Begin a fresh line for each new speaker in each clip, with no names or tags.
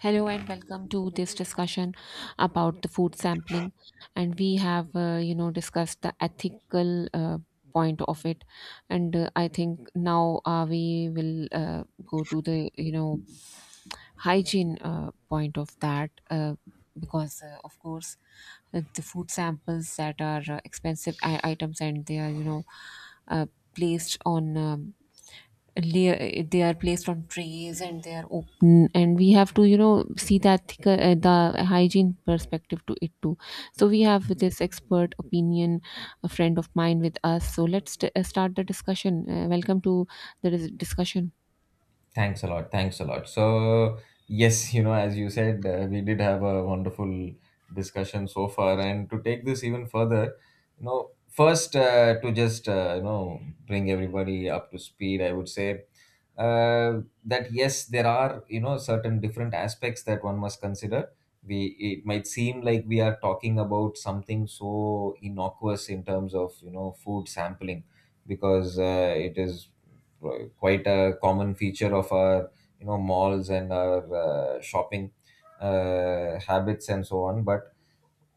Hello and welcome to this discussion about the food sampling. And we have, discussed the ethical point of it. And I think now we will go to the, hygiene point of that. Because Of course the food samples that are expensive items, and they are uh, placed on they are placed on trays and they are open, and we have to see the hygiene perspective to it too. So we have this expert opinion, a friend of mine, with us. So let's start the discussion. Welcome to the discussion.
Thanks a lot. Thanks a lot. So, yes, as you said, we did have a wonderful discussion so far. And to take this even further, first to just, bring everybody up to speed, I would say that yes, there are, certain different aspects that one must consider. It might seem like we are talking about something so innocuous in terms of, food sampling, because it is quite a common feature of our malls and our shopping habits and so on. But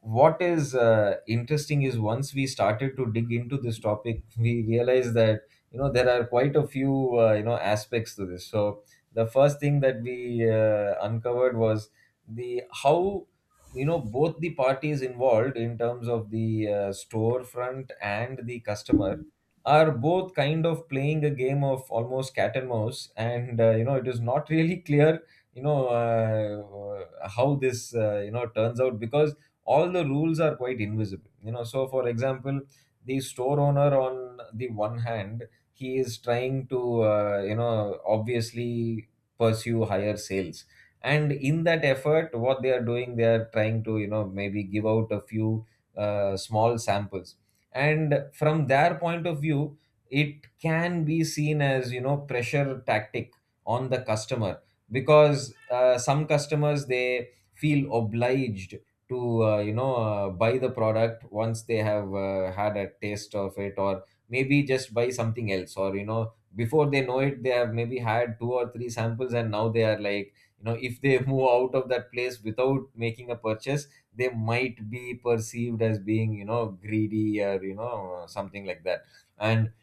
what is interesting is, once we started to dig into this topic, we realized that there are quite a few aspects to this. So the first thing that we uncovered was the how both the parties involved, in terms of the storefront and the customer, are both kind of playing a game of almost cat and mouse, and it is not really clear how this turns out, because all the rules are quite invisible. So for example, the store owner, on the one hand, he is trying to obviously pursue higher sales, and in that effort, what they are doing, they are trying to maybe give out a few small samples. And from their point of view, it can be seen as pressure tactic on the customer, because some customers, they feel obliged to buy the product once they have had a taste of it, or maybe just buy something else. Or before they know it, they have maybe had two or three samples, and now they are like, if they move out of that place without making a purchase, they might be perceived as being greedy, or something like that. And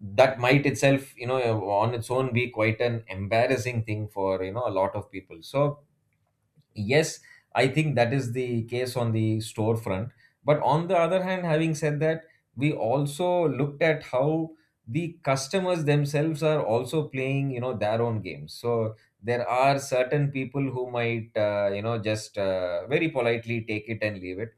that might itself, on its own, be quite an embarrassing thing for a lot of people. So yes, I think that is the case on the storefront. But on the other hand, having said that, we also looked at how the customers themselves are also playing their own games. So there are certain people who might just very politely take it and leave it.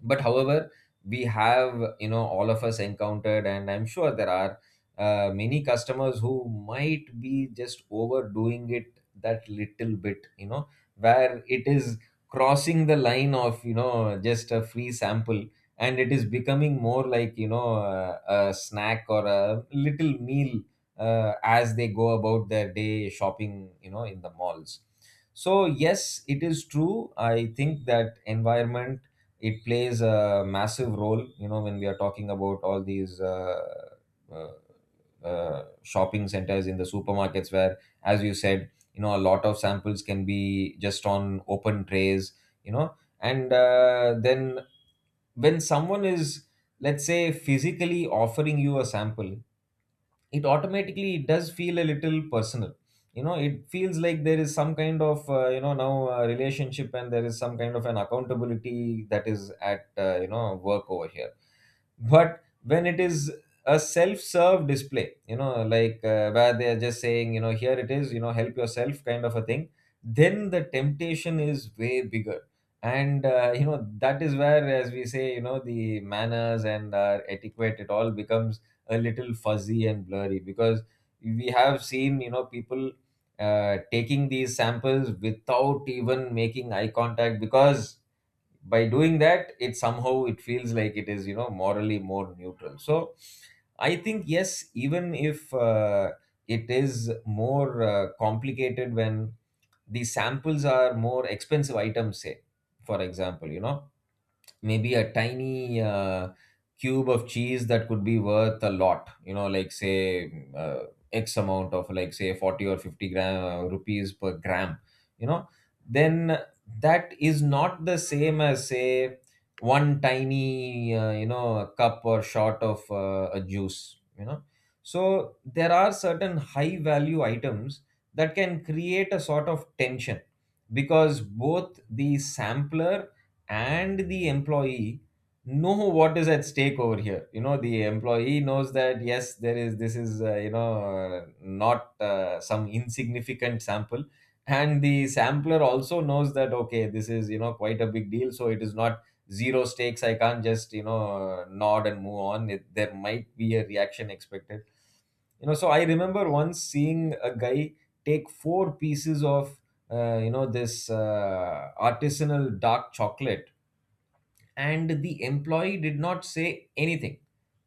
But however, we have, all of us, encountered, and I'm sure there are many customers who might be just overdoing it that little bit, where it is crossing the line of just a free sample, and it is becoming more like a snack or a little meal, as they go about their day shopping in the malls. So yes, it is true, I think that environment, it plays a massive role when we are talking about all these uh, shopping centers, in the supermarkets, where, as you said, a lot of samples can be just on open trays, you know and then, when someone is, let's say, physically offering you a sample, it automatically, it does feel a little personal. You know it feels like there is some kind of now relationship, and there is some kind of an accountability that is at work over here. But when it is a self-serve display, like, where they are just saying, here it is, help yourself kind of a thing, then the temptation is way bigger. And that is where, as we say, the manners and our etiquette, it all becomes a little fuzzy and blurry, because we have seen people taking these samples without even making eye contact, because by doing that, it somehow, it feels like it is morally more neutral. So I think yes, even if, it is more complicated when the samples are more expensive items. Say for example, maybe a tiny cube of cheese that could be worth a lot, like say uh, x amount of, like say, 40 or 50 gram, rupees per gram, you know then that is not the same as, say, one tiny cup or shot of a juice. So there are certain high value items that can create a sort of tension, because both the sampler and the employee know what is at stake over here. The employee knows that yes, there is, this is not some insignificant sample, and the sampler also knows that, okay, this is quite a big deal. So it is not zero stakes, I can't just nod and move on. It, there might be a reaction expected. So I remember once seeing a guy take four pieces of this artisanal dark chocolate, and the employee did not say anything,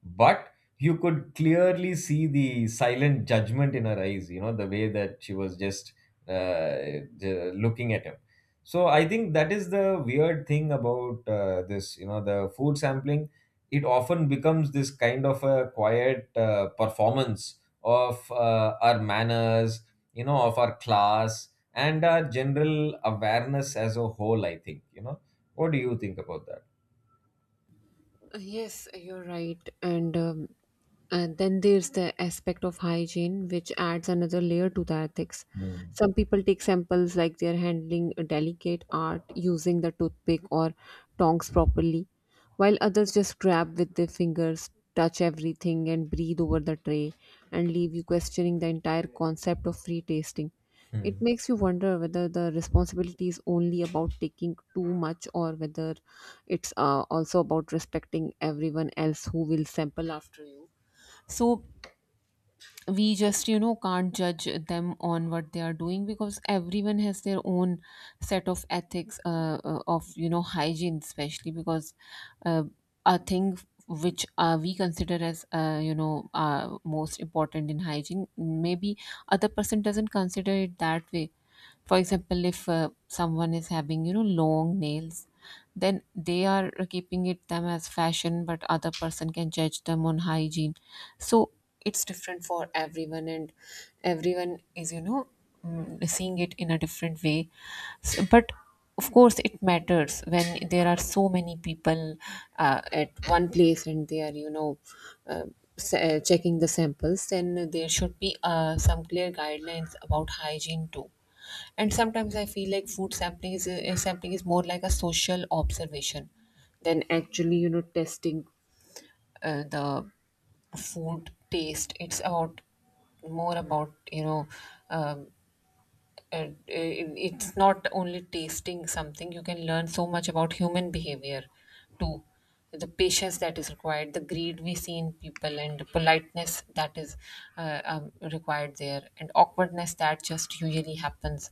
but you could clearly see the silent judgment in her eyes, the way that she was just uh, looking at him. So I think that is the weird thing about this, the food sampling. It often becomes this kind of a quiet performance of our manners, of our class and our general awareness as a whole, I think. What do you think about that?
Yes, you're right. And then there's the aspect of hygiene, which adds another layer to the ethics.
Hmm.
Some people take samples like they're handling a delicate art, using the toothpick or tongs properly, while others just grab with their fingers, touch everything, and breathe over the tray, and leave you questioning the entire concept of free tasting. It
Hmm.
makes you wonder whether the responsibility is only about taking too much or whether it's also about respecting everyone else who will sample after you. So we just can't judge them on what they are doing, because everyone has their own set of ethics of hygiene, especially because uh, a thing which we consider as most important in hygiene, maybe other person doesn't consider it that way. For example, if someone is having long nails, then they are keeping it them as fashion, but other person can judge them on hygiene. So it's different for everyone, and everyone is seeing it in a different way. So, but of course, it matters when there are so many people at one place, and they are, uh, checking the samples, then there should be some clear guidelines about hygiene too. And sometimes I feel like sampling is more like a social observation than actually, testing the food taste. It's about more about you know um, uh, it's not only tasting something. You can learn so much about human behavior too: the patience that is required, the greed we see in people, and the politeness that is required there, and awkwardness that just usually happens.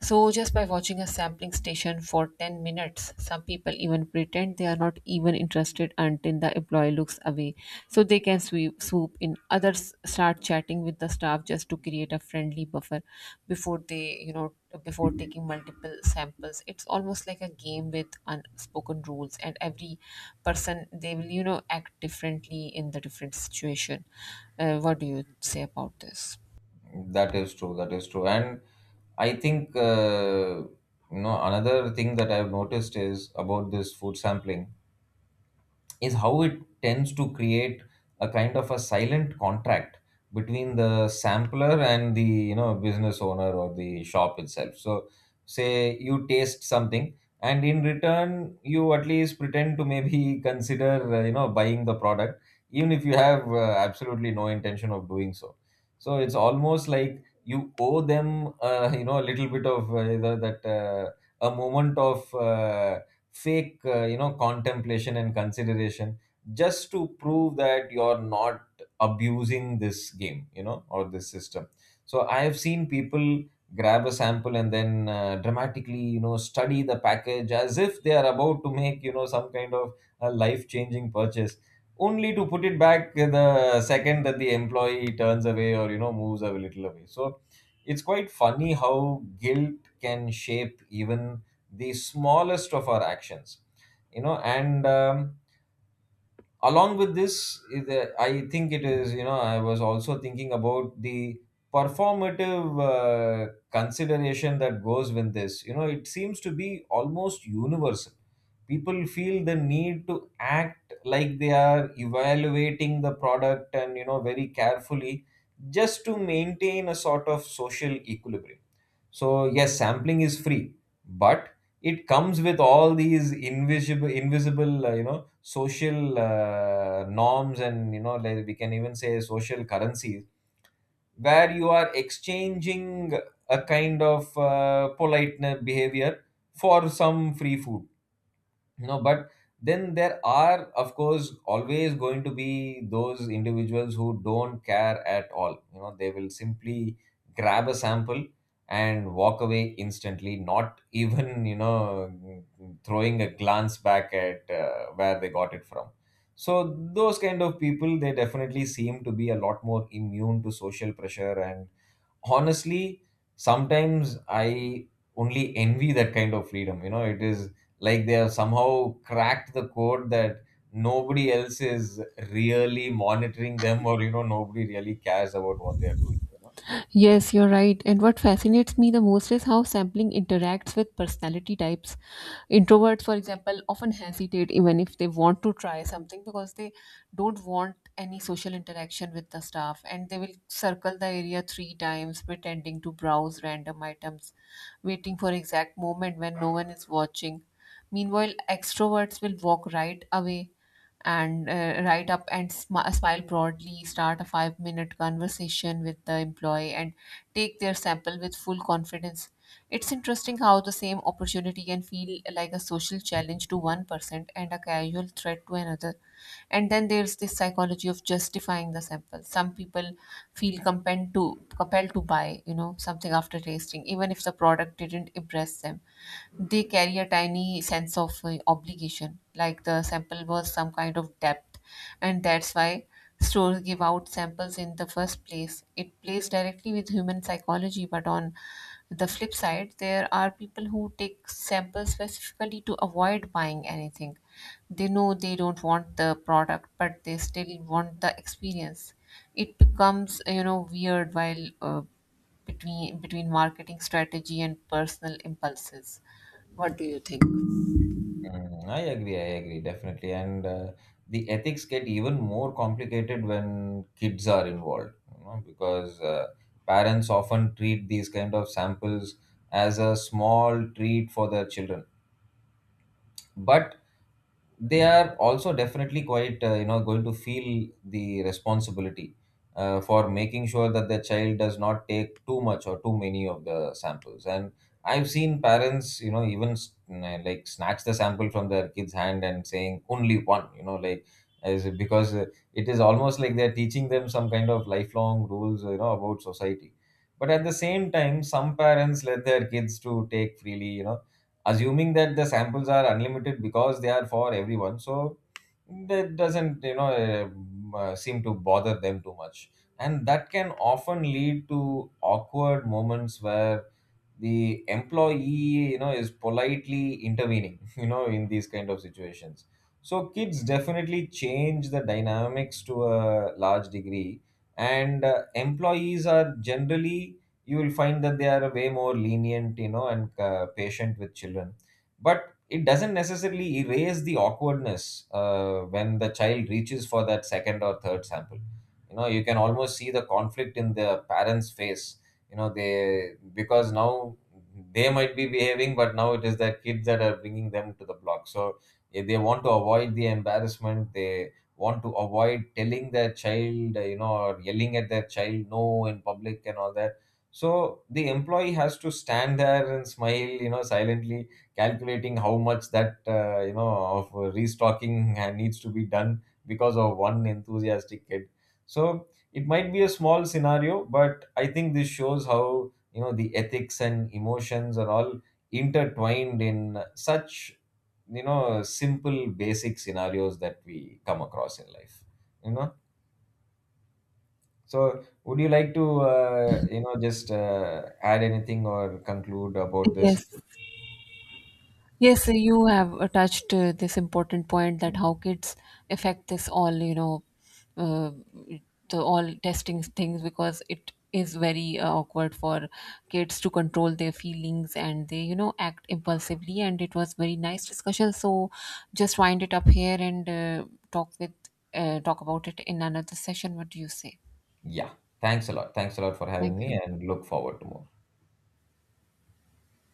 So, just by watching a sampling station for 10 minutes, some people even pretend they are not even interested until the employee looks away. So, they can swoop in. Others start chatting with the staff just to create a friendly buffer before they, you know, before taking multiple samples. It's almost like a game with unspoken rules, and every person, they will, act differently in the different situation. What do you say about this?
That is true. That is true. And I think, another thing that I've noticed is about this food sampling, is how it tends to create a kind of a silent contract between the sampler and the business owner, or the shop itself. So say you taste something, and in return you at least pretend to maybe consider buying the product, even if you have absolutely no intention of doing so. So it's almost like you owe them a little bit of, the, that a moment of fake, contemplation and consideration, just to prove that you're not abusing this game, or this system. So I have seen people grab a sample and then dramatically study the package as if they are about to make some kind of a life changing purchase, only to put it back the second that the employee turns away, or moves a little away. So it's quite funny how guilt can shape even the smallest of our actions. And along with this is, I think it is, I was also thinking about the performative consideration that goes with this. It seems to be almost universal. People feel the need to act like they are evaluating the product, and very carefully, just to maintain a sort of social equilibrium. So yes, sampling is free, but it comes with all these invisible, invisible, social norms, and, like, we can even say social currencies, where you are exchanging a kind of polite behavior for some free food. But then there are, of course, always going to be those individuals who don't care at all. They will simply grab a sample and walk away instantly, not even throwing a glance back at where they got it from. So those kind of people, they definitely seem to be a lot more immune to social pressure. And honestly, sometimes I only envy that kind of freedom. It is like they have somehow cracked the code that nobody else is really monitoring them, or nobody really cares about what they are doing.
Yes, you're right. And what fascinates me the most is how sampling interacts with personality types. Introverts, for example, often hesitate even if they want to try something, because they don't want any social interaction with the staff, and they will circle the area three times, pretending to browse random items, waiting for exact moment when no one is watching. Meanwhile, extroverts will walk right away and write up and smile broadly, start a five-minute conversation with the employee, and take their sample with full confidence. It's interesting how the same opportunity can feel like a social challenge to one person and a casual threat to another. And then there's this psychology of justifying the sample. Some people feel compelled to buy, something after tasting, even if the product didn't impress them. They carry a tiny sense of obligation, like the sample was some kind of depth, and that's why stores give out samples in the first place. It plays directly with human psychology, but on the flip side, there are people who take samples specifically to avoid buying anything. They know they don't want the product, but they still want the experience. It becomes, weird while between marketing strategy and personal impulses. What do you think?
Mm, I agree, definitely. And the ethics get even more complicated when kids are involved, because parents often treat these kind of samples as a small treat for their children. But they are also definitely quite going to feel the responsibility for making sure that their child does not take too much or too many of the samples. And I've seen parents, even like snatch the sample from their kids hand and saying only one, like, as, because it is almost like they're teaching them some kind of lifelong rules, about society. But at the same time, some parents let their kids to take freely, assuming that the samples are unlimited because they are for everyone. So that doesn't seem to bother them too much. And that can often lead to awkward moments where the employee, is politely intervening, in these kind of situations. So kids definitely change the dynamics to a large degree. And employees are generally, you will find that they are way more lenient, and patient with children. But it doesn't necessarily erase the awkwardness when the child reaches for that second or third sample. You can almost see the conflict in the parents face. They, because now they might be behaving, but now it is the kids that are bringing them to the block. So if they want to avoid the embarrassment, they want to avoid telling their child, or yelling at their child, no, in public and all that. So the employee has to stand there and smile, silently calculating how much that of restocking needs to be done because of one enthusiastic kid. So it might be a small scenario, but I think this shows how the ethics and emotions are all intertwined in such simple basic scenarios that we come across in life. you know so would you like to just add anything or conclude about this?
Yes, yes, you have touched this important point, that how kids affect this all, uh, the all testing things, because it is very awkward for kids to control their feelings and they, act impulsively. And it was very nice discussion. So just wind it up here and talk with talk about it in another session. What do you say?
Yeah. Thanks a lot. Thanks a lot for
Thank
having me,
you.
and look forward to more.